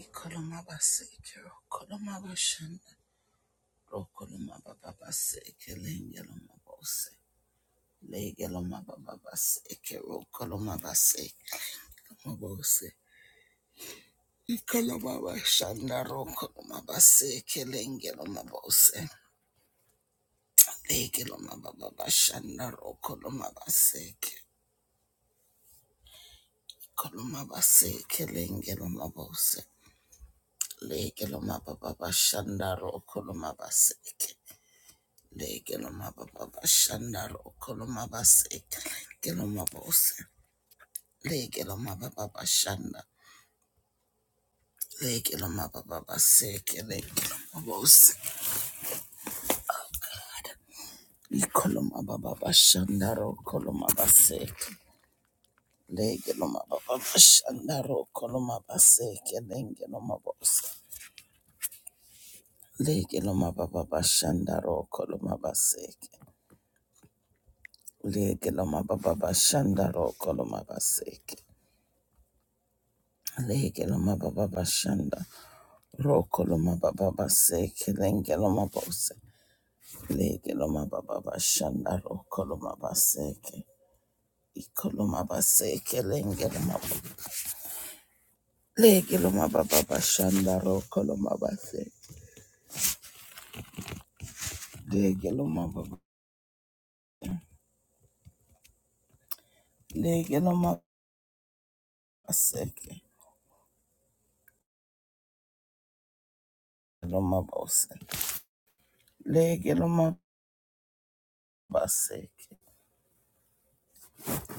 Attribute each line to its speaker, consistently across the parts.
Speaker 1: Ikolomabaseke, Kolomabashanda, Rokolomababaseke, Lengelomabose, Legelomababaseke, Rokolomabaseke, Mabose, Ikolomabashanda, Rokolomabaseke, Lengelomabose, Legelomababashanda, Rokolomabaseke, Ikolomabaseke, Lengelomabose, Legelomababashanda, Rokolomabaseke, Legeloma baba shanda rokoloma base. Geloma bose. Legeloma baba shanda. Legeloma baba seke. Legeloma bose. Ikoloma baba shanda rokoloma base. Legeloma baba shanda rokoloma base. Legeloma bose. Legeloma baba shanda rokoloma base. Legeloma baba shanda rokoloma base. Legeloma baba shanda. Rokoloma baba base kelenge loma bose lege loma baba bashanda rokoloma baseke ikoloma baseke lenge loma bo- lege loma baba bashanda rokoloma baseke lege loma baba lege loma baseke loma bose lege loma baseke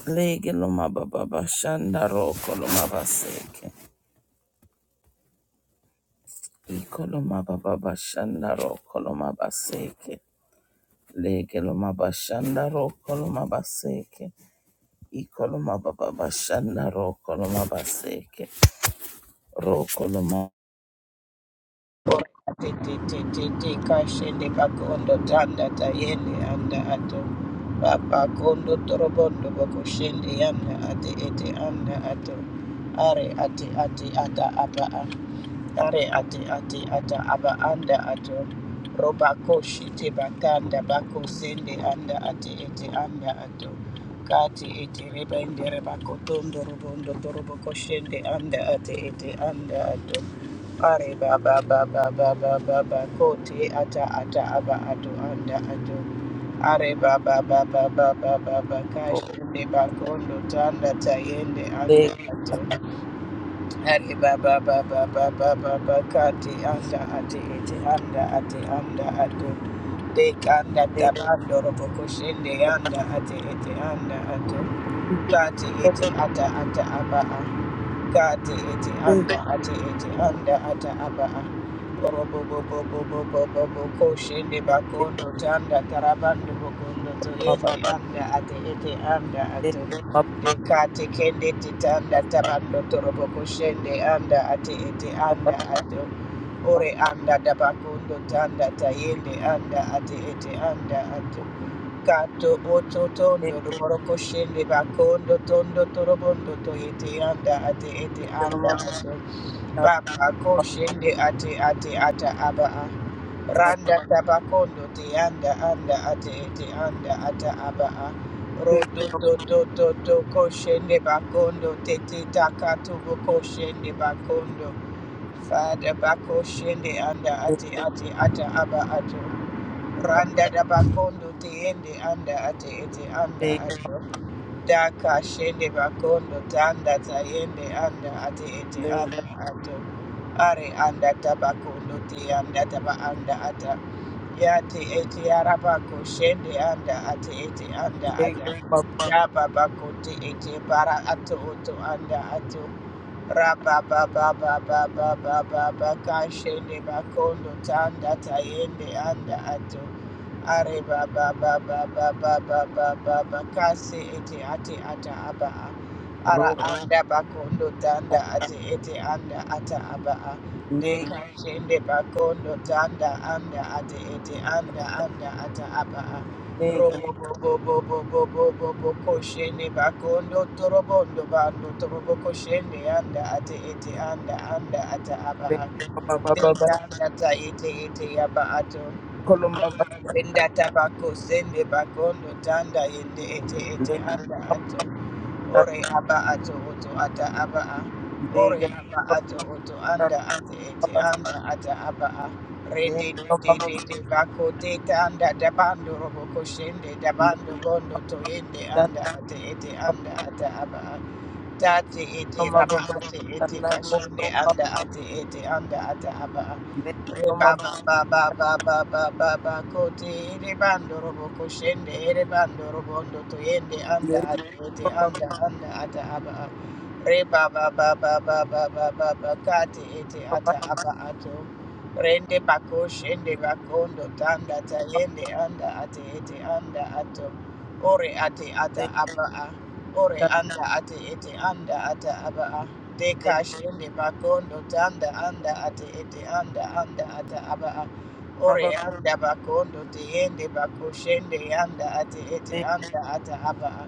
Speaker 1: lege loma baba bashanda rokoloma baseke ikoloma baba bashanda rokoloma baseke Leke loma bashanda roko loma baseke. Iko loma baba bashanda roko loma baseke. Roko loma
Speaker 2: Titi kashende bakondo tanda tayende anda ato papa kondo torobondo boko shende yanda ate ete anda ato are ate ate ata apa a. Are ate ate ata aba anda ato. Roba ko shite batanda bako sende anda ate ete anda ato. Kati ete reba ende reba kotondo robondo torobo koshende anda ate ete anda ato. Are baba baba baba baba ba kote ata ata aba ato anda ato. Are baba baba baba baba ba ba ba ba kashende bakondo tanda tayende anda
Speaker 1: baseke.
Speaker 2: ato. Hari baba baba baba baba kati anda ati eti anda ati anda atu dek anda tabando robo kushinde anda ati eti anda atu kati eti ata ata aba kati eti anda ati eti anda ata aba Koshende bakondo tanda tarabando bokondo toyende anda ate ete anda ato dekate kende titanda tarando torobo koshende anda ate ete anda ato ore anda dabakondo tanda tayende anda ate ete anda ato kato oto tondo ruboro koshende bakondo tondo torobondo toyete anda ate ete anda ato Baba ako shende ate ate ata aba a. Randa tabakondo te anda anda ate ete anda ata aba a. Roto to to to to ko shende bakondo te te taka tubo ko shende bakondo. Fada bako shende anda ate ate ata aba ato. Randa da bakondo te ende anda ate ete anda ato. Daka shende bakondo tanda tayende anda ate ete
Speaker 1: Leg,
Speaker 2: anda ato. Are anda tabakondo te anda taba anda ata. Yate ete arabako shende anda ate ete anda ata. Yaba bako te ete bara ato oto anda ato. Rababababababababakashende bakondo tanda tayende anda ato arebabababababababakase ete ate ata aba a. ara anda bakondo tanda ate ete anda ata aba a. dekashende bakondo tanda anda ate ete anda anda ata aba a. Robobobobobobobobokoshende bakondo torobondo bando torobokoshende anda ate ete anda anda ata aba ato. Deka anda ta ete ete yaba ato. Zinda tabako sende bakondo tanda yende ete ete anda ato. Ore aba ato oto ata aba a. Ore aba ato oto anda ate ete anda ata aba a. Re de de de de de bako te tanda dabando robo koshende dabando bondo to yende anda ate ete anda ata aba a. Dati iti raba ati iti kashunde anda ati iti anda ata aba. Reba ba ba ba ba ba ba ba ba kote ere bando robo koshende ere bando robo ndo to anda
Speaker 1: Lake
Speaker 2: ati iti anda anda ata aba. Reba ba ba ba ba ba ba ba ba kati iti ata aba ato. Rende bako shende bakondo tanda tayende anda ati iti anda ato. Ore ati ata aba. a. Ore anda ate ete anda ata abaa. Deka shende bakondo tanda anda ate ete anda anda ata abaa. Ore anda bakondo te yende bako shende anda ate ete anda ata abaa.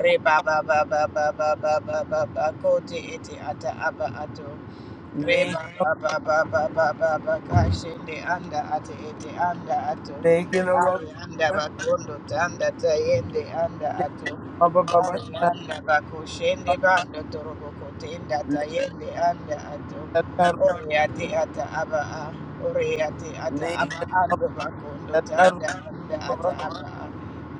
Speaker 2: Re ba ba ba ba ba ba ba ba ba ba ko te ete ata aba ato. Reba ba ba ba ba ba ba kashende anda ate ete anda ato ari anda bakondo tanda tayende anda ato ari anda bakoshende bando toroboko tenda tayende anda ato ori ate ata aba a ori ate ata aba ando bakondo tanda anda ata aba a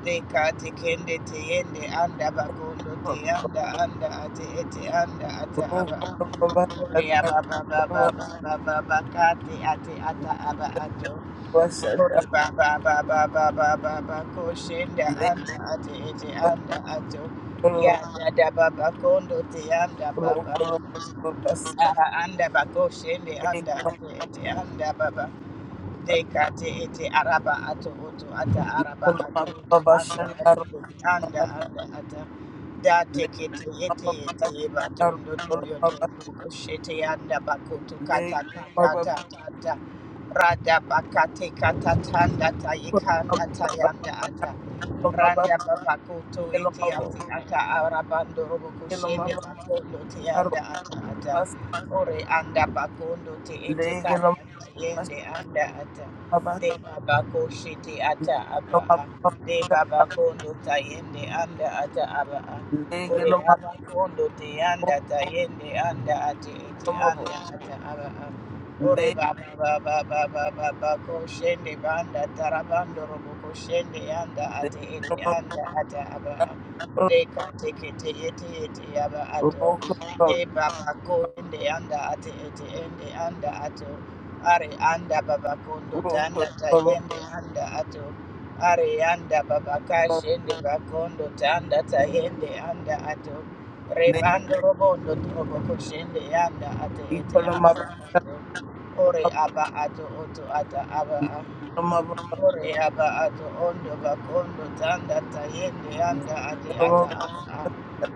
Speaker 2: deka tekende teyende anda bakondo teyanda anda ate ete anda ata aba Ore aba ba ba ba ba ba ba ba kati ati ata aba ato. Ore ba ba ba ba ba ba ba ba ko shenda anda ati ete anda ato. Ya da da ba ba kondo te anda ba ba. Ara anda ba ko shende anda ati ete anda ba ba. Deka ete araba ato oto ata araba ato oto anda ato anda anda ata da teke te ete ete eba to ndo to yo anda bako to kata kata ta ta ta rada baka te kata tanda ta yikanda ta yanda ata randa babako to ete ate ata araba ndo robo
Speaker 1: Lake
Speaker 2: kushende bako te anda ata ata
Speaker 1: Arobas,
Speaker 2: Ore anda bakondo te ete
Speaker 1: lege lo
Speaker 2: kanda
Speaker 1: mabas,
Speaker 2: yende anda ata.
Speaker 1: mabas,
Speaker 2: De baba koshi te ata aba a. De baba kondo ta yende anda ata aba a.
Speaker 1: lege lo mabas, lege
Speaker 2: Ore
Speaker 1: lo
Speaker 2: aba kondo te
Speaker 1: mabas,
Speaker 2: anda ta yende anda ate ete
Speaker 1: lo mabo,
Speaker 2: anda ata aba a. Ore
Speaker 1: lege
Speaker 2: baba baba baba baba koshende banda tarabando robo koshende anda ate
Speaker 1: lo
Speaker 2: ete anda ata aba
Speaker 1: mabas,
Speaker 2: a. De kate kete ete ete aba ato
Speaker 1: roko,
Speaker 2: ende baba ende anda ate ete ende anda ato are anda baba
Speaker 1: roko,
Speaker 2: tanda
Speaker 1: roko,
Speaker 2: tayende anda ato are anda baba kash ende bakondo tanda tayende anda ato
Speaker 1: le lege
Speaker 2: rebando robondo trobo koshende anda ate ete
Speaker 1: iko lo mabas, lo mabas, lege lo
Speaker 2: anda
Speaker 1: mabas, lege lo mabas, lege
Speaker 2: ato
Speaker 1: lo
Speaker 2: ore
Speaker 1: mabas,
Speaker 2: aba ato oto ata aba ato Ore aba ato ondo bakondo tanda tayende anda ate ata ata.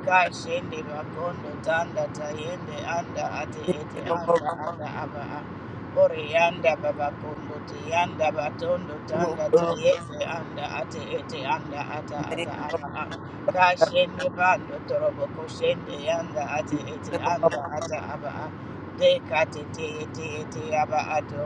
Speaker 2: Kashende bakondo tanda tayende anda ate ete anda ata aba a. Ore yanda babakondo te yanda batondo tanda
Speaker 1: roko, roko,
Speaker 2: tayende anda ate ete anda ata
Speaker 1: le
Speaker 2: ata aba a. Kashende bando torobo koshende yanda ate ete
Speaker 1: lege lo
Speaker 2: anda
Speaker 1: mabas,
Speaker 2: ata aba a. Dekate te ete ete aba ato.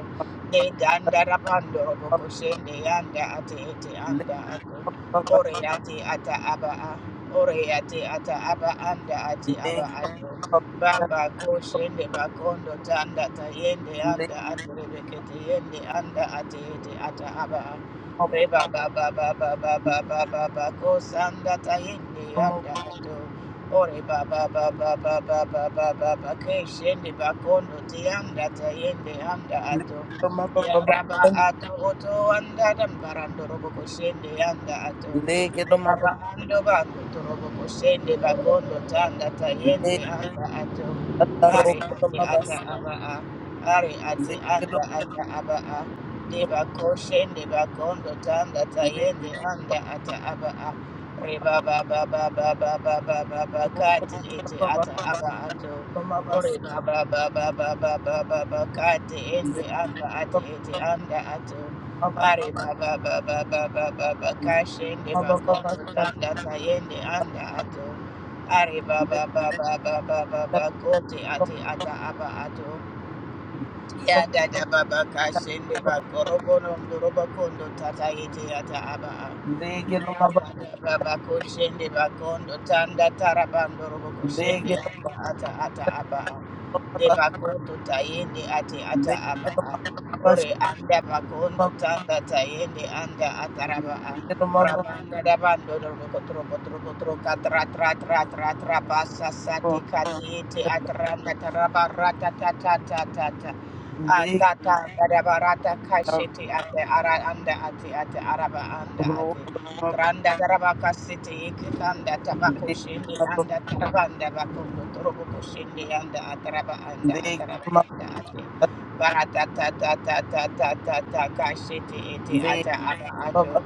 Speaker 2: E danda rabando robo koshende yanda ate ete
Speaker 1: le lege
Speaker 2: anda ato.
Speaker 1: mabas,
Speaker 2: Ore ate ata aba a. Ore ate ata aba anda ate aba
Speaker 1: lege lo
Speaker 2: ato.
Speaker 1: mabas, le mabas,
Speaker 2: Baba koshende bakondo tanda tayende
Speaker 1: lege
Speaker 2: anda ato rebekete yende anda ate ete ata aba a.
Speaker 1: mabo,
Speaker 2: Reba baba baba baba
Speaker 1: lege
Speaker 2: baba bako sanda tayende
Speaker 1: lo mabo,
Speaker 2: anda ato. Ore baba baba baba baba baba keshende bakondo tianda tayende anda ato.
Speaker 1: lege lo mabas,
Speaker 2: Ya
Speaker 1: mabas,
Speaker 2: raba ato oto anda dan barando robo ko shende anda ato.
Speaker 1: lege lo
Speaker 2: Yaba
Speaker 1: mabas,
Speaker 2: ando bakutorobo koshende bakondo tanda tayende
Speaker 1: lege
Speaker 2: anda ato. Ari
Speaker 1: lo
Speaker 2: ate
Speaker 1: mabas,
Speaker 2: ata aba a. Ari ate
Speaker 1: Lekelo
Speaker 2: anda ata aba a. Deba koshende bakondo tanda
Speaker 1: le
Speaker 2: tayende anda ata aba a. Reba ba ba ba ba ba ba ba ba ba
Speaker 1: roko
Speaker 2: kati ete
Speaker 1: baba
Speaker 2: ata aba ato.
Speaker 1: toma bas
Speaker 2: Ore ba ba ba ba ba ba ba ba ba kati
Speaker 1: le
Speaker 2: ende anda ate
Speaker 1: baba
Speaker 2: ete anda ato.
Speaker 1: bas
Speaker 2: Ari baba baba baba baba
Speaker 1: le
Speaker 2: kashende
Speaker 1: baba baba
Speaker 2: makondo
Speaker 1: sat
Speaker 2: tanda tayende anda ato. Ari
Speaker 1: le
Speaker 2: baba baba baba
Speaker 1: sat
Speaker 2: baba kote ate
Speaker 1: toma
Speaker 2: ata aba ato. Ya dada baba
Speaker 1: sat
Speaker 2: kashende bakorobo nondoroba kondo tata yete ata aba ato.
Speaker 1: lekelo baba
Speaker 2: Rabako shende bakondo tanda tarabando roboko shende
Speaker 1: lekelo
Speaker 2: anda ata ata aba
Speaker 1: baba.
Speaker 2: de
Speaker 1: bas
Speaker 2: bakondo tayende ate ata aba
Speaker 1: lekelo baba
Speaker 2: ore
Speaker 1: sat
Speaker 2: anda bakondo tanda tayende anda ataraba
Speaker 1: lekelo baba
Speaker 2: rabanda dabando roboko trobo trobo troka tra tra tra tra tra basa sati katiete atranda taraba rata ta ta ta ta ta
Speaker 1: lekelo
Speaker 2: atata darabarata kashete ate ara anda ate ate araba anda
Speaker 1: ro
Speaker 2: ate Randa Tarabaka City, Kitanda Tabako Shindi,
Speaker 1: lekelo
Speaker 2: and the Tarabanda Bakundu, Turuboko Shindi, and the Ataraba and the Ataraba
Speaker 1: lekelo baba
Speaker 2: and the Ate. Barata ta ta ta ta ta ta ta Kashiti, Iti
Speaker 1: le
Speaker 2: Ata ara
Speaker 1: baba
Speaker 2: Ato.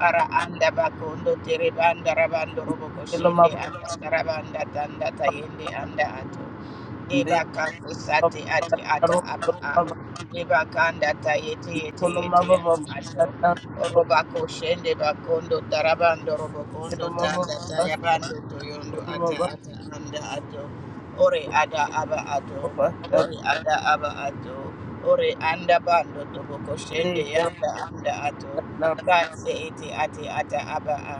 Speaker 2: Ara anda bakundu tiribanda rabando roboko
Speaker 1: lekelo
Speaker 2: shende
Speaker 1: baba
Speaker 2: anda tarabanda tanda tayende anda ato.
Speaker 1: le
Speaker 2: Deba kanto
Speaker 1: baba
Speaker 2: sate ate
Speaker 1: sat
Speaker 2: ata
Speaker 1: ro
Speaker 2: aba a.
Speaker 1: baba
Speaker 2: Deba kanda ta yete yete
Speaker 1: toma
Speaker 2: yete
Speaker 1: baba
Speaker 2: aba ato.
Speaker 1: sat ro
Speaker 2: Oroba ko shende bakondo tarabando robo kondo
Speaker 1: lekelo baba
Speaker 2: tanda tayabando toyondo
Speaker 1: toma
Speaker 2: ata ata anda ato. Ore ada aba ato.
Speaker 1: baba
Speaker 2: Ore ada aba ato. Ore anda bando tobo ko shende
Speaker 1: Legelo
Speaker 2: yanda anda ato.
Speaker 1: mababa
Speaker 2: Kase eti ate ata aba a.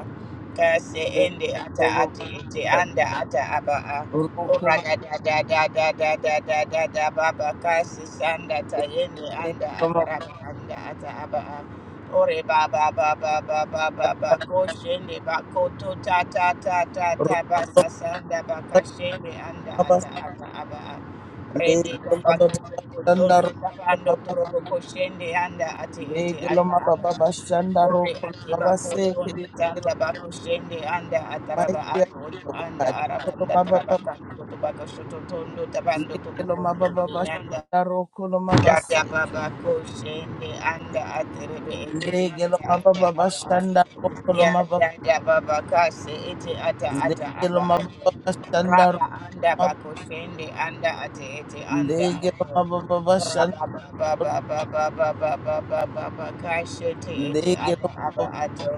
Speaker 2: Kase ende ata ate eti anda ata aba a. Ora da da da da da da da da da da baba kasi sanda tayende anda agaraba anda ata aba a. ore baba baba baba baba koshende bakoto ta ta ta ta ta basa sanda bakashende anda ata ata aba a. rede bakoto tondo tabando torobo koshende anda ate ete ata aba a. Ore akiba koto nde tanda bako shende anda ataraba akoto anda arabanda taraba kanto tobako shoto tondo tabando tobokondo anda dada
Speaker 1: bashanda
Speaker 2: baba ko anda aterebe ete anda anda araba Ya da da baba kasi iti ata ata aba ate. Raba anda bako shende anda ate ete anda ato. Raba baba baba baba baba baba baba kashi iti iti
Speaker 1: Ndege
Speaker 2: ata aba
Speaker 1: lomabasa
Speaker 2: ato.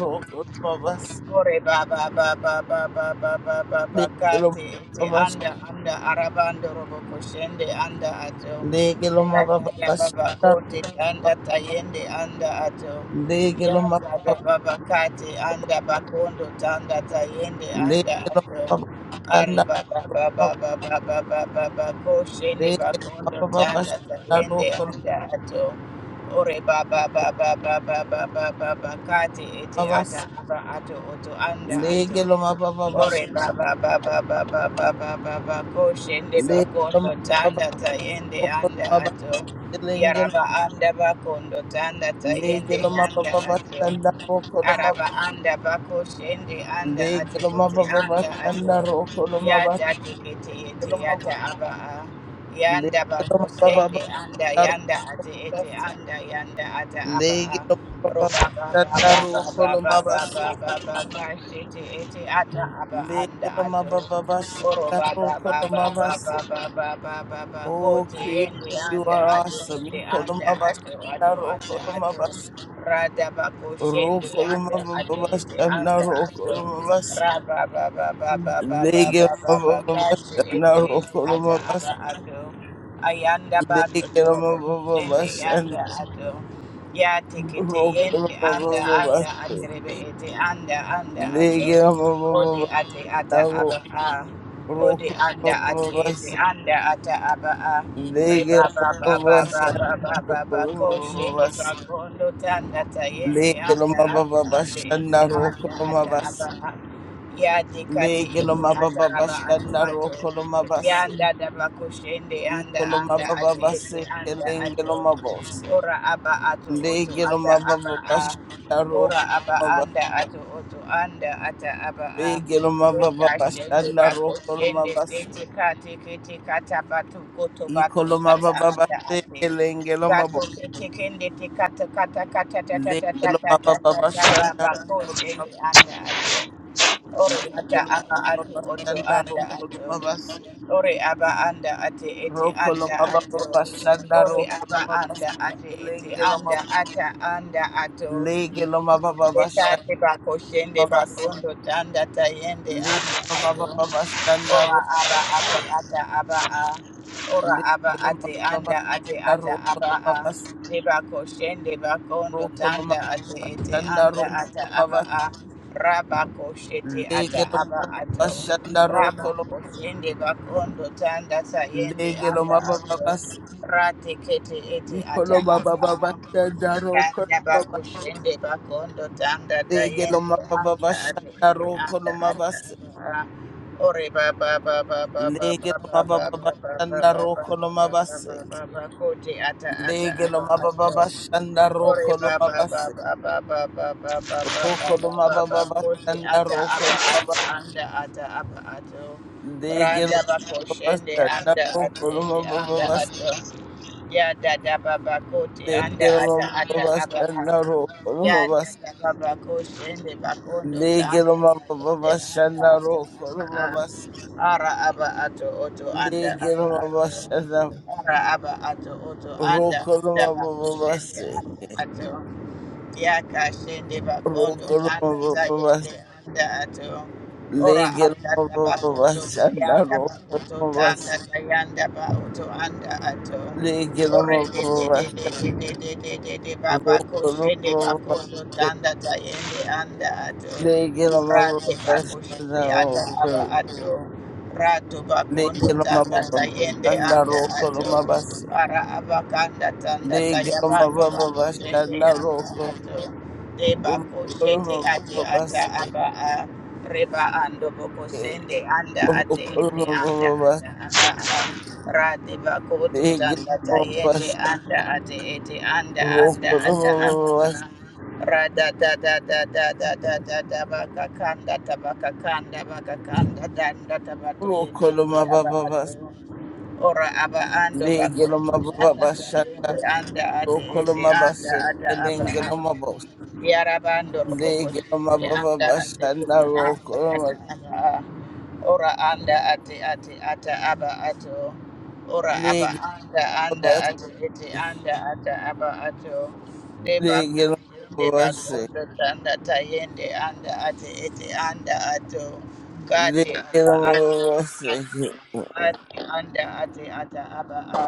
Speaker 1: roko lomabasa
Speaker 2: Ore baba baba baba baba baba
Speaker 1: ndege
Speaker 2: kati iti
Speaker 1: lomabasa
Speaker 2: anda anda arabando robo koshende anda ato
Speaker 1: ndege
Speaker 2: ya ya ya baba
Speaker 1: lomabasa
Speaker 2: kote anda tayende anda ato
Speaker 1: ndege
Speaker 2: ya ya
Speaker 1: lomabasa
Speaker 2: ya baba kati anda bakondo tanda tayende anda
Speaker 1: ndege
Speaker 2: ato Ari
Speaker 1: lomabasa
Speaker 2: baba baba baba baba baba koshende
Speaker 1: ndege
Speaker 2: bakondo tanda
Speaker 1: lomabasa
Speaker 2: tayende
Speaker 1: roko
Speaker 2: anda ato Ore ba ba ba
Speaker 1: lomabasa
Speaker 2: ba ba ba ba ba ba ba kati ete ata aba ato oto anda
Speaker 1: ndege
Speaker 2: ato.
Speaker 1: lomabasa
Speaker 2: Ore ba ba ba ba ba ba ba ba ba ba koshende ba
Speaker 1: ndege
Speaker 2: kondo tanda
Speaker 1: lomabasa
Speaker 2: tayende
Speaker 1: roko
Speaker 2: anda
Speaker 1: lomabasa
Speaker 2: ato.
Speaker 1: lenge
Speaker 2: Yaraba anda ba kondo tanda
Speaker 1: ndege
Speaker 2: tayende yanda
Speaker 1: lomabasa
Speaker 2: ato.
Speaker 1: roko lomabasa
Speaker 2: Araba anda bako shende anda
Speaker 1: ndege
Speaker 2: atu anda atu
Speaker 1: lomabasa roko lomabasa
Speaker 2: yada tikiti
Speaker 1: ndege
Speaker 2: ete yata aba a yanda bako
Speaker 1: lomabasa
Speaker 2: shende anda
Speaker 1: roko
Speaker 2: yanda ate ete
Speaker 1: lomabasa
Speaker 2: anda yanda ata aba
Speaker 1: Legelo
Speaker 2: a Roba ba ba
Speaker 1: mababashanda
Speaker 2: ba ba ba
Speaker 1: rokolo mabase. Lege
Speaker 2: anda
Speaker 1: lo
Speaker 2: ato.
Speaker 1: mababa Legelo
Speaker 2: Oro
Speaker 1: mabababashanda
Speaker 2: ba ba
Speaker 1: rokolo mabase. Oh, creator, you
Speaker 2: anda
Speaker 1: are
Speaker 2: ato
Speaker 1: awesome.
Speaker 2: kote
Speaker 1: Ikolo
Speaker 2: anda ato ato
Speaker 1: mabashanda
Speaker 2: anda
Speaker 1: rokolo
Speaker 2: ato.
Speaker 1: mabase.
Speaker 2: Rada ba ko
Speaker 1: Rokolo
Speaker 2: anda ato ete
Speaker 1: mabababashanda
Speaker 2: anda ato.
Speaker 1: rokolo mabase.
Speaker 2: Raba ba ba ba
Speaker 3: Mm,
Speaker 2: ba ba ba
Speaker 1: Legelo mabababashanda rokolo mabase.
Speaker 2: Ayanda bando
Speaker 1: Lege lo mababa Legelo
Speaker 2: torobo kushende
Speaker 1: mabababashanda
Speaker 2: yanda ato. Ya
Speaker 3: mm,
Speaker 2: tekete
Speaker 1: rokolo mabase. Lege lo
Speaker 2: yende anda
Speaker 1: mababa
Speaker 2: anda
Speaker 3: mm,
Speaker 2: aterebe ete anda anda ato ode ate ata aba
Speaker 1: Legelo
Speaker 2: a
Speaker 1: mabababashanda
Speaker 2: ode anda
Speaker 1: rokolo
Speaker 2: ate
Speaker 1: mabase.
Speaker 2: ete anda ata aba a reba
Speaker 1: Lege
Speaker 2: ba ba ba ba ba
Speaker 1: Babashana
Speaker 2: ba ba ba ko shende ba
Speaker 1: Okoromabas
Speaker 2: kondo tanda ta yende
Speaker 1: Lege
Speaker 2: anda anda ate ete
Speaker 1: Lomababashana
Speaker 2: anda ata
Speaker 1: Rokolomabas
Speaker 2: aba a ya tekate
Speaker 1: Lege
Speaker 2: ete ata aba ato
Speaker 1: Lomababashana
Speaker 2: ato
Speaker 1: Rokolomabas
Speaker 2: yanda da ba ko shende anda anda ate ete
Speaker 1: Ikolomababase
Speaker 2: anda
Speaker 1: Kelenge
Speaker 2: ato
Speaker 1: Lomabose
Speaker 2: Ora aba ato oto
Speaker 1: Lege
Speaker 2: ata aba
Speaker 1: Lomababashana
Speaker 2: a. Ora aba
Speaker 1: Rokolomabas
Speaker 2: anda ato oto anda ata aba a.
Speaker 1: Lege
Speaker 2: Eka shende
Speaker 1: Lomababashana
Speaker 2: bako shende
Speaker 1: Rokolomabase
Speaker 2: tete kate kete kata batu koto batu sata anda
Speaker 1: Ikolomababase
Speaker 2: ate.
Speaker 1: Kelenge
Speaker 2: Bato
Speaker 1: Lomabo
Speaker 2: kete kende te kata kata kata tata tata
Speaker 1: Lege
Speaker 2: tata tata
Speaker 1: Lomababashana
Speaker 2: baba ko shende anda ato. Ora ata
Speaker 1: Lekelo
Speaker 2: aba ato
Speaker 1: mababa
Speaker 2: oto
Speaker 1: shanda
Speaker 2: anda
Speaker 1: rokolo
Speaker 2: ato.
Speaker 1: mabase.
Speaker 2: Ore aba anda ate ete
Speaker 1: Rokolo
Speaker 2: anda ato.
Speaker 1: mababa shanda
Speaker 2: Ore
Speaker 1: rokolo
Speaker 2: aba
Speaker 1: mabase.
Speaker 2: anda ate ete
Speaker 1: Lengelo
Speaker 2: anda
Speaker 1: mababa.
Speaker 2: ata anda ato.
Speaker 1: Legelo mababa
Speaker 2: Eta
Speaker 1: bashanda
Speaker 2: te bako shende
Speaker 1: mabase.
Speaker 2: bakondo tanda tayende anda
Speaker 1: Legelo
Speaker 2: ato.
Speaker 1: mababa bashanda
Speaker 2: Ora
Speaker 1: roba.
Speaker 2: aba ate ata aba a. Ora aba
Speaker 1: Legelo
Speaker 2: ate
Speaker 1: mababa
Speaker 2: anda ate
Speaker 1: bashanda
Speaker 2: ata
Speaker 1: rokolo
Speaker 2: aba a.
Speaker 1: mabase.
Speaker 2: Deba koshende bakondo
Speaker 1: Rokolo
Speaker 2: tanda ate
Speaker 1: mababa
Speaker 2: ete
Speaker 1: shanda
Speaker 2: anda
Speaker 1: rokolo
Speaker 2: ata aba
Speaker 1: mabase.
Speaker 2: a. Raba koshete ata
Speaker 1: Legelo
Speaker 2: aba
Speaker 1: mababa
Speaker 2: ato.
Speaker 1: bashanda
Speaker 2: Raba
Speaker 1: rokolo.
Speaker 2: koshende bakondo tanda sayende
Speaker 1: Legelo
Speaker 2: anda
Speaker 1: mababa
Speaker 2: ato.
Speaker 1: base.
Speaker 2: Rate kete ete ata
Speaker 1: Ikolo
Speaker 2: aba
Speaker 1: mababa
Speaker 2: a.
Speaker 1: bashanda
Speaker 2: Kanda
Speaker 1: rokolo
Speaker 2: bakushende bakondo tanda
Speaker 1: Lege lo
Speaker 2: tayende
Speaker 1: mababa
Speaker 2: anda ate
Speaker 1: shanda
Speaker 2: ete
Speaker 1: roko lo
Speaker 2: anda ata
Speaker 1: mabase.
Speaker 2: aba a. Ore ba ba ba ba ba ba ba
Speaker 1: Lege
Speaker 2: ba
Speaker 1: lo
Speaker 2: ba ba ba
Speaker 1: mababa
Speaker 2: ba ba
Speaker 1: shanda
Speaker 2: ba ba
Speaker 1: roko lo
Speaker 2: ba
Speaker 1: mabase.
Speaker 2: ba ba ba kote ata ata
Speaker 1: Lege lo
Speaker 2: aba ato.
Speaker 1: mababa shanda
Speaker 2: Ore
Speaker 1: roko lo
Speaker 2: ba ba ba
Speaker 1: mabase.
Speaker 2: ba ba ba ba ba ba ba ba
Speaker 1: Roko lo
Speaker 2: ba ba ba
Speaker 1: mababa
Speaker 2: kote
Speaker 1: shanda
Speaker 2: ata
Speaker 1: roko
Speaker 2: aba
Speaker 1: lo
Speaker 2: ato
Speaker 1: mabase.
Speaker 2: anda ata aba ato.
Speaker 1: Lege lo
Speaker 2: Randa ba
Speaker 1: mababa
Speaker 2: koshende
Speaker 1: shanda
Speaker 2: anda
Speaker 1: roko
Speaker 2: ate
Speaker 1: lo
Speaker 2: ete anda
Speaker 1: mabase.
Speaker 2: ato. Ya da da ba ba anda
Speaker 1: Lege lo
Speaker 2: ata ata
Speaker 1: mababa
Speaker 2: aba a.
Speaker 1: shanda roko lo
Speaker 2: Ya da
Speaker 1: mabase.
Speaker 2: da ba ba ko shende
Speaker 1: Lege lo
Speaker 2: anda ta yende
Speaker 1: mababa
Speaker 2: anda
Speaker 1: shanda
Speaker 2: ata
Speaker 1: roko lo
Speaker 2: aba a.
Speaker 1: mabase.
Speaker 2: Ara aba ato oto anda
Speaker 1: Lege lo
Speaker 2: aba
Speaker 1: mababa
Speaker 2: ato.
Speaker 1: shanda
Speaker 2: Ara aba ato oto anda
Speaker 1: roko lo
Speaker 2: anda ba ko shende
Speaker 1: mabase.
Speaker 2: anda ato. Ya ka shende ba anda ta
Speaker 1: Rokorobas
Speaker 2: yende anda ato. Ora anda ta ba
Speaker 1: legelomobas
Speaker 2: kondo ta
Speaker 1: and
Speaker 2: yanda
Speaker 1: rokorobas
Speaker 2: anda ta yanda ba oto anda ato. Ore de de de
Speaker 1: legelomobas
Speaker 2: de de de de de de de baba koshe de
Speaker 1: rokorobas
Speaker 2: bakondo
Speaker 1: legelomobas and rokorobas and
Speaker 2: tanda tayende anda ato
Speaker 1: rokorobas legelomobas
Speaker 2: rate bakoshe de anda aba ato rato bakondo tanda tayende
Speaker 1: and
Speaker 2: anda ato
Speaker 1: rokorobas
Speaker 2: para abakanda tanda tayabando bakoshe de anda
Speaker 1: rokorobas
Speaker 2: ato Deba koshete
Speaker 1: legelomobas
Speaker 2: ate ata
Speaker 1: rokorobas
Speaker 2: aba a reba ando boko sende anda ate ete anda ata aba a ra deba koto tanda ta yende anda ate ete anda anda ata aba a ra da da da da da da da da da baka kanda tabaka kanda baka kanda danda tabato yende te
Speaker 1: Rokoloma
Speaker 2: aba
Speaker 1: baba
Speaker 2: ato ora aba ando bako anda ta yende
Speaker 1: Legelomababashanda,
Speaker 2: anda ate ete anda
Speaker 1: Rokolomabase,
Speaker 2: ata aba a
Speaker 1: Elengelomabos,
Speaker 2: Yarabando Roboko Anda Ate
Speaker 1: Legelomababashanda,
Speaker 2: Ete Anda Ata
Speaker 1: Rokoloma,
Speaker 2: Aba Ora Anda Ate Ate Ata Aba Ato Ora Aba
Speaker 1: Legelomabase,
Speaker 2: Anda Anda Ate Ete Anda Ata Aba Ato Deba Kundo Deba
Speaker 1: Legelomabase,
Speaker 2: Kundo Tanda Tayende Anda Ate Ete Anda Ato Kati Ata Ate
Speaker 1: Legelomabase,
Speaker 2: Ate Anda Ate Ata Aba A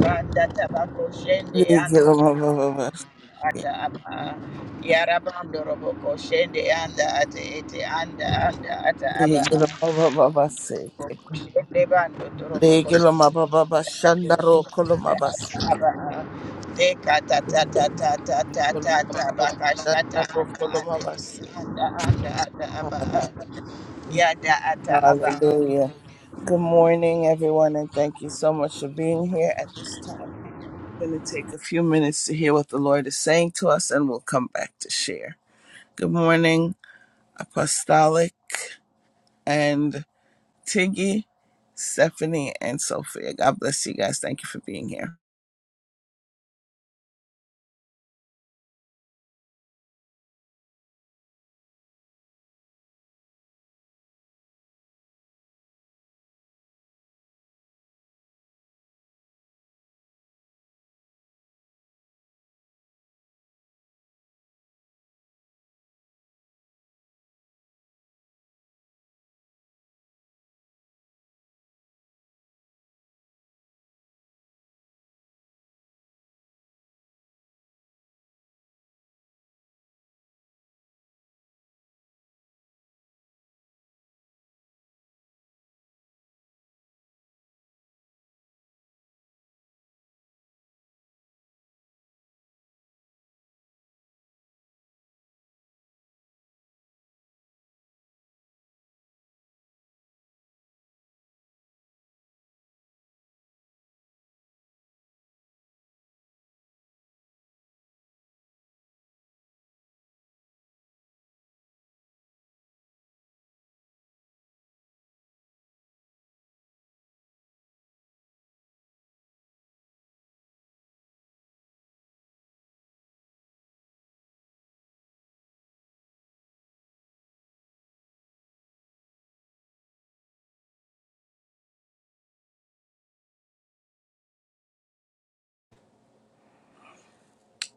Speaker 2: Randa Tabako Shende Anda
Speaker 1: Legelomababase,
Speaker 2: ata apa yarabando roboko shende anda ate ete anda anda ata aba
Speaker 1: Legelomababase,
Speaker 2: roboko shende bando toroboko shende ate
Speaker 1: Legelomababashanda,
Speaker 3: Holy Ghost,
Speaker 2: anda
Speaker 1: Rokolomabase,
Speaker 2: ata aba deka ta ta
Speaker 3: go.
Speaker 2: ta ta ta ta ta ta baka shata
Speaker 1: Legelomababashanda,
Speaker 2: anda ate ete
Speaker 1: Rokolomabase.
Speaker 2: anda anda ata aba yada ata aba
Speaker 1: Hallelujah. Good morning, everyone, and thank you so much for being here at this time. We're going to take a few minutes to hear what the Lord is saying to us, and we'll come back to share. Good morning, Apostolic and Tiggy, Stephanie, and Sophia. God bless you guys. Thank you for being here.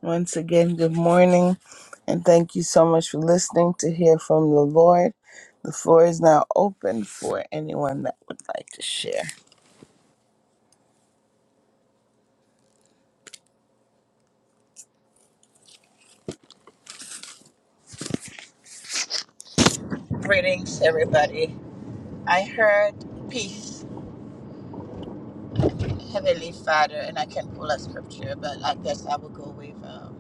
Speaker 1: Once again, good morning, and thank you so much for listening to hear from the Lord. The floor is now open for anyone that would like to share.
Speaker 2: greetings everybody I heard peace Heavenly Father and I can pull a scripture but I guess I will go with um,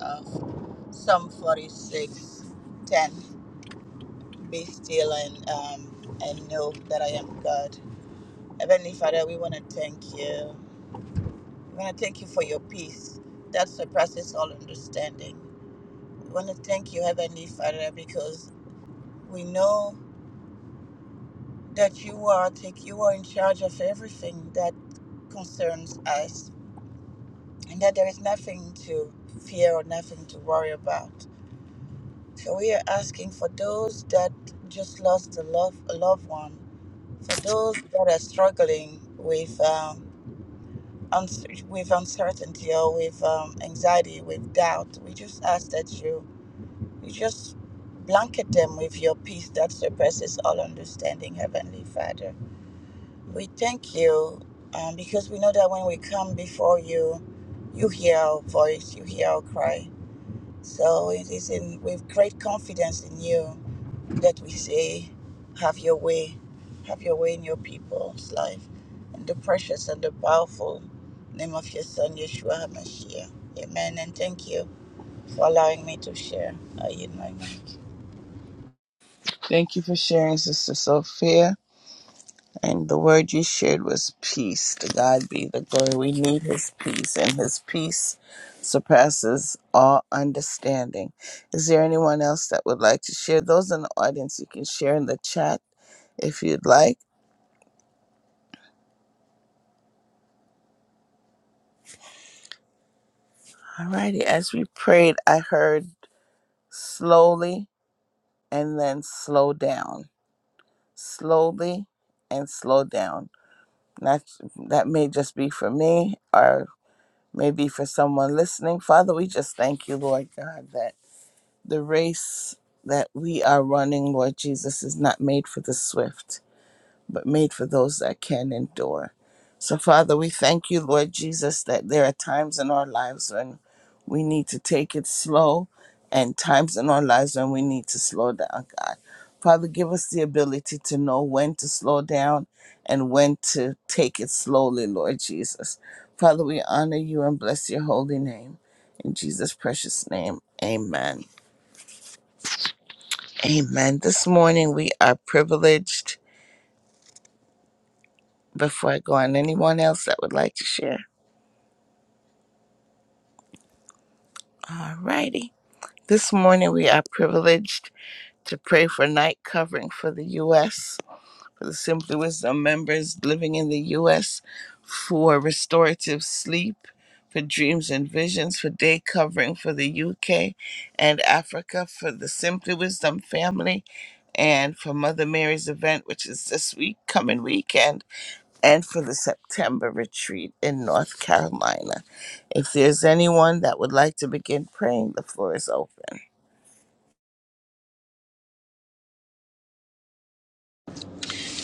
Speaker 2: of Psalm 46, 10, Be still and, um, and know that I am God. Heavenly Father, we want to thank you. We want to thank you for your peace that surpasses all understanding. We want to thank you, Heavenly Father, because we know that you are take you are in charge of everything that concerns us and that there is nothing to fear or nothing to worry about. So we are asking for those that just lost a love a loved one, for those that are struggling with um, uns- with uncertainty or with um, anxiety, with doubt. We just ask that you you just blanket them with your peace that surpasses all understanding, Heavenly Father. We thank you um, because we know that when we come before you, you hear our voice, you hear our cry so it is in, with great confidence in you that we say, Have your way, have your way in your people's life. In the precious and the powerful name of your Son, Yeshua HaMashiach. Amen. And thank you for allowing me to share. I yield my mic.
Speaker 1: Thank you for sharing, Sister Sophia. And the word you shared was peace. To God be the glory. We need His peace, and His peace surpasses all understanding. Is there anyone else that would like to share? Those in the audience, you can share in the chat if you'd like. Alrighty. As we prayed, I heard slowly and then slow down. Slowly and slow down. That that may just be for me, Or may be for someone listening. Father, we just thank you, Lord God, that the race that we are running, Lord Jesus, is not made for the swift but made for those that can endure. So, Father, we thank you, Lord Jesus, that there are times in our lives when we need to take it slow and times in our lives when we need to slow down, God. Father, give us the ability to know when to slow down and when to take it slowly, Lord Jesus. Father, we honor you and bless your holy name. In Jesus' precious name, amen. Amen. This morning we are privileged. Before I go on, anyone else that would like to share? Alrighty. This morning we are privileged to pray for night covering for the U.S., for the Simply Wisdom members living in the U.S., for restorative sleep, for dreams and visions, for day covering for the U.K. and Africa, for the Simply Wisdom family, and for Mother Mary's event, which is this week, coming weekend and for the September retreat in North Carolina. If there's anyone that would like to begin praying, the floor is open.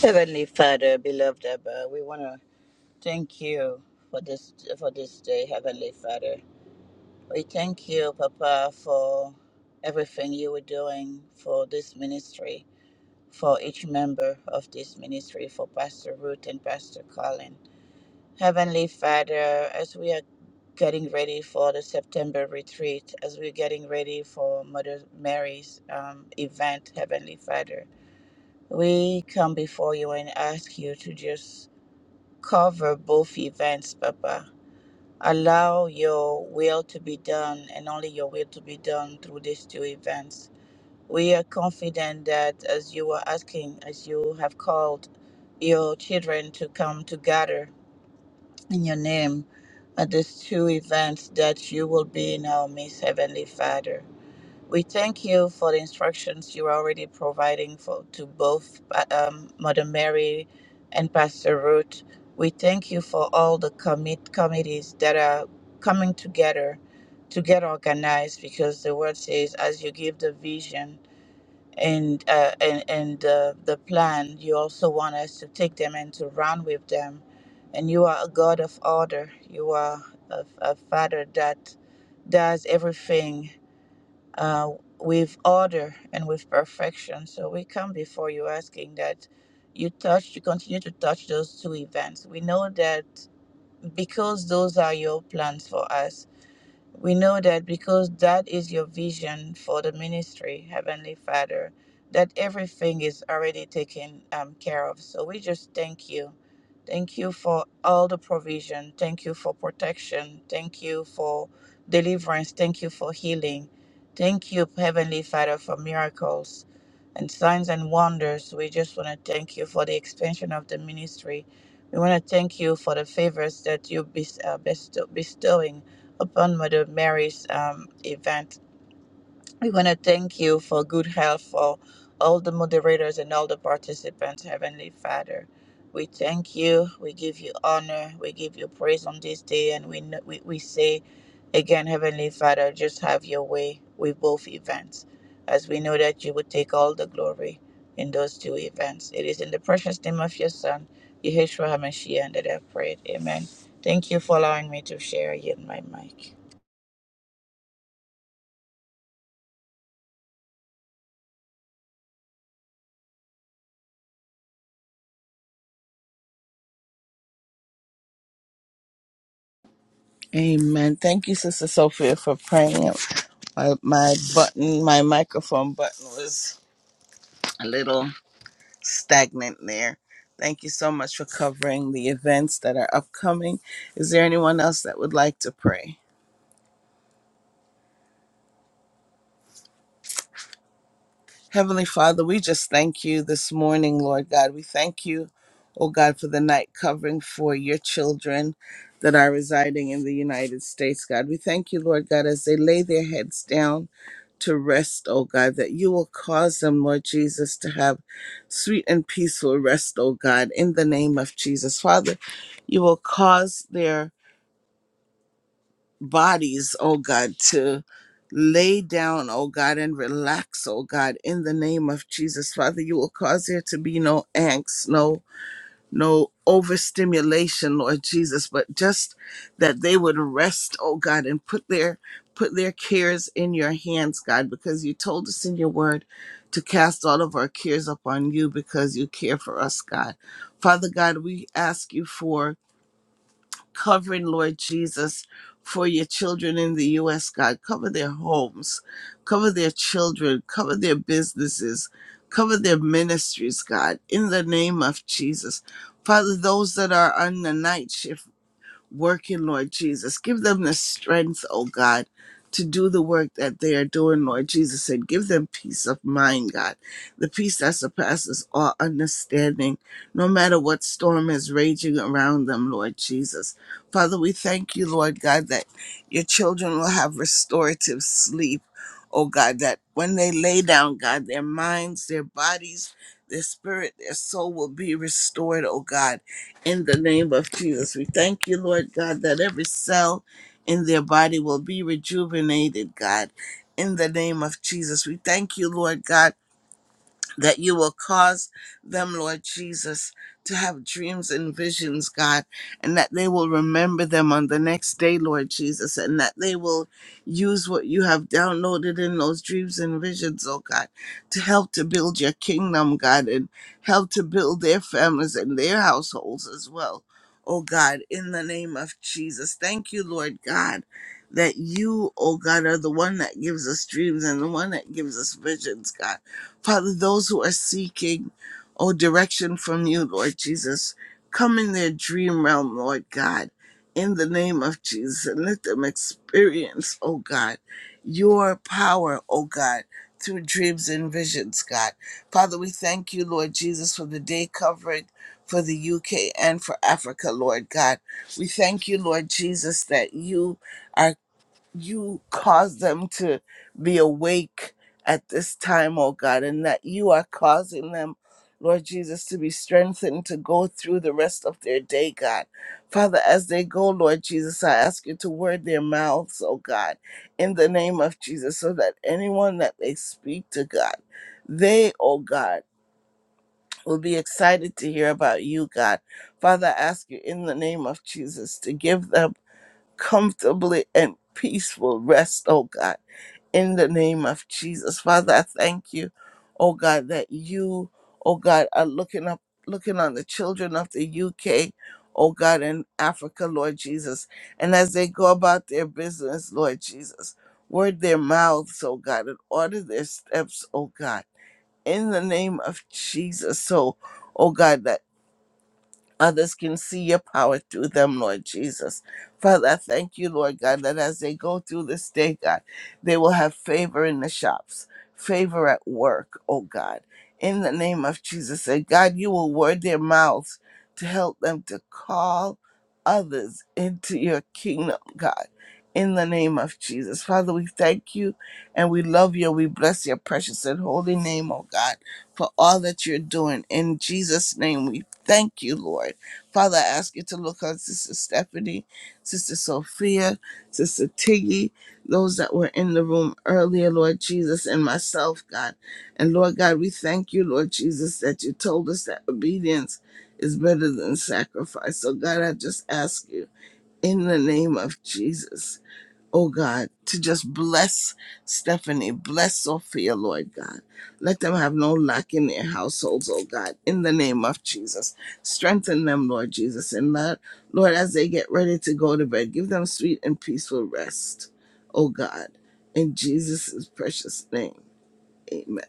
Speaker 2: Heavenly Father, beloved Abba, we want to thank you for this for this day, Heavenly Father. We thank you, Papa, for everything you were doing for this ministry. for each member of this ministry, for Pastor Ruth and Pastor Colin. Heavenly Father, as we are getting ready for the September retreat, as we're getting ready for Mother Mary's um, event, Heavenly Father, we come before you and ask you to just cover both events, Papa. Allow your will to be done and only your will to be done through these two events. We are confident that as you are asking, as you have called, your children to come together in your name at these two events that you will be in our midst, Heavenly Father. We thank you for the instructions you are already providing for to both uh, um, Mother Mary and Pastor Ruth. We thank you for all the commit committees that are coming together to get organized because the word says, as you give the vision, and uh, and and uh, the plan. You also want us to take them and to run with them. And you are a God of order. You are a, a Father that does everything uh, with order and with perfection. So we come before you asking that you touch, you continue to touch those two events. We know that because those are your plans for us we know that because that is your vision for the ministry, Heavenly Father, that everything is already taken um, care of. So we just thank you. Thank you for all the provision. Thank you for protection. Thank you for deliverance. Thank you for healing. Thank you, Heavenly Father, for miracles and signs and wonders. We just want to thank you for the expansion of the ministry. We want to thank you for the favors that you bes- uh, bestow- bestowing upon Mother Mary's um, event. We want to thank you for good health for all the moderators and all the participants, Heavenly Father. We thank you. We give you honor. We give you praise on this day. And we, kn- we, we say again, Heavenly Father, just have your way with both events, as we know that you would take all the glory in those two events. It is in the precious name of your Son, Yeshua HaMashiach, that I have prayed. Amen. Thank you for allowing me to share in my mic.
Speaker 1: Amen. Thank you, Sister Sophia, for praying. My, my button, my microphone button was a little stagnant there. Thank you so much for covering the events that are upcoming. Is there anyone else that would like to pray? Heavenly Father, we just thank you this morning, Lord God. We thank you, oh God, for the night covering for your children that are residing in the United States, God. We thank you, Lord God, as they lay their heads down to rest, oh God, that you will cause them, Lord Jesus, to have sweet and peaceful rest, oh God, in the name of Jesus. Father, you will cause their bodies, oh God, to lay down, oh God, and relax, oh God, in the name of Jesus. Father, you will cause there to be no angst, no no overstimulation, Lord Jesus, but just that they would rest, oh God, and put their put their cares in your hands, God, because you told us in your word to cast all of our cares upon you because you care for us, God. Father God, we ask you for covering, Lord Jesus, for your children in the U.S., God. Cover their homes, cover their children, cover their businesses, cover their ministries, God, in the name of Jesus. Father, those that are on the night shift working, Lord Jesus. Give them the strength, oh God, to do the work that they are doing, Lord Jesus, and give them peace of mind, God, the peace that surpasses all understanding, no matter what storm is raging around them, Lord Jesus. Father, we thank you, Lord God, that your children will have restorative sleep, oh God, that when they lay down, God, their minds, their bodies, their spirit, their soul will be restored, oh God in the name of Jesus. We thank you, Lord God, that every cell in their body will be rejuvenated, God, in the name of Jesus. We thank you, Lord God that you will cause them, Lord Jesus, to have dreams and visions, God, and that they will remember them on the next day, Lord Jesus, and that they will use what you have downloaded in those dreams and visions, oh God, to help to build your kingdom, God, and help to build their families and their households as well. Oh God, in the name of Jesus. Thank you, Lord God, that you, oh God, are the one that gives us dreams and the one that gives us visions, God. Father, those who are seeking, oh, direction from you, Lord Jesus, come in their dream realm, Lord God, in the name of Jesus, and let them experience, oh God, your power, oh God, through dreams and visions, God. Father, we thank you, Lord Jesus, for the day covering for the UK and for Africa, Lord God. We thank you, Lord Jesus, that you are you cause them to be awake at this time, oh God, and that you are causing them, Lord Jesus, to be strengthened to go through the rest of their day, God. Father, as they go, Lord Jesus, I ask you to word their mouths, oh God, in the name of Jesus, so that anyone that they speak to, God, they, oh God, will be excited to hear about you, God. Father, I ask you in the name of Jesus to give them comfortably and peaceful rest, oh God. In the name of Jesus. Father, I thank you, oh God, that you, oh God, are looking up looking on the children of the UK, oh God, and Africa, Lord Jesus. And as they go about their business, Lord Jesus, word their mouths, oh God, and order their steps, oh God. In the name of Jesus. So, oh God, that Others can see your power through them, Lord Jesus. Father, I thank you, Lord God, that as they go through this day, God, they will have favor in the shops, favor at work, oh God. In the name of Jesus, that God, you will word their mouths to help them to call others into your kingdom, God. In the name of Jesus. Father, we thank you and we love you. We bless your precious and holy name, oh God, for all that you're doing. In Jesus' name we Thank you, Lord. Father, I ask you to look on Sister Stephanie, Sister Sophia, Sister Tiggy, those that were in the room earlier, Lord Jesus, and myself, God. And Lord God, we thank you, Lord Jesus, that you told us that obedience is better than sacrifice. So, God, I just ask you in the name of Jesus oh God, to just bless Stephanie, bless Sophia, Lord God. Let them have no lack in their households, oh God, in the name of Jesus. Strengthen them, Lord Jesus. And Lord, Lord, as they get ready to go to bed, give them sweet and peaceful rest, oh God, in Jesus' precious name. Amen.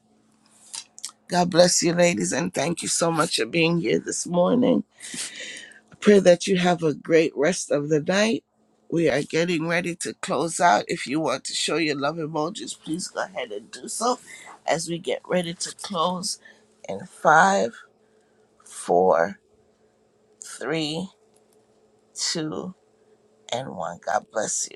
Speaker 1: God bless you, ladies, and thank you so much for being here this morning. Pray that you have a great rest of the night. We are getting ready to close out. If you want to show your love emojis, please go ahead and do so as we get ready to close in five, four, three, two, and one. God bless you.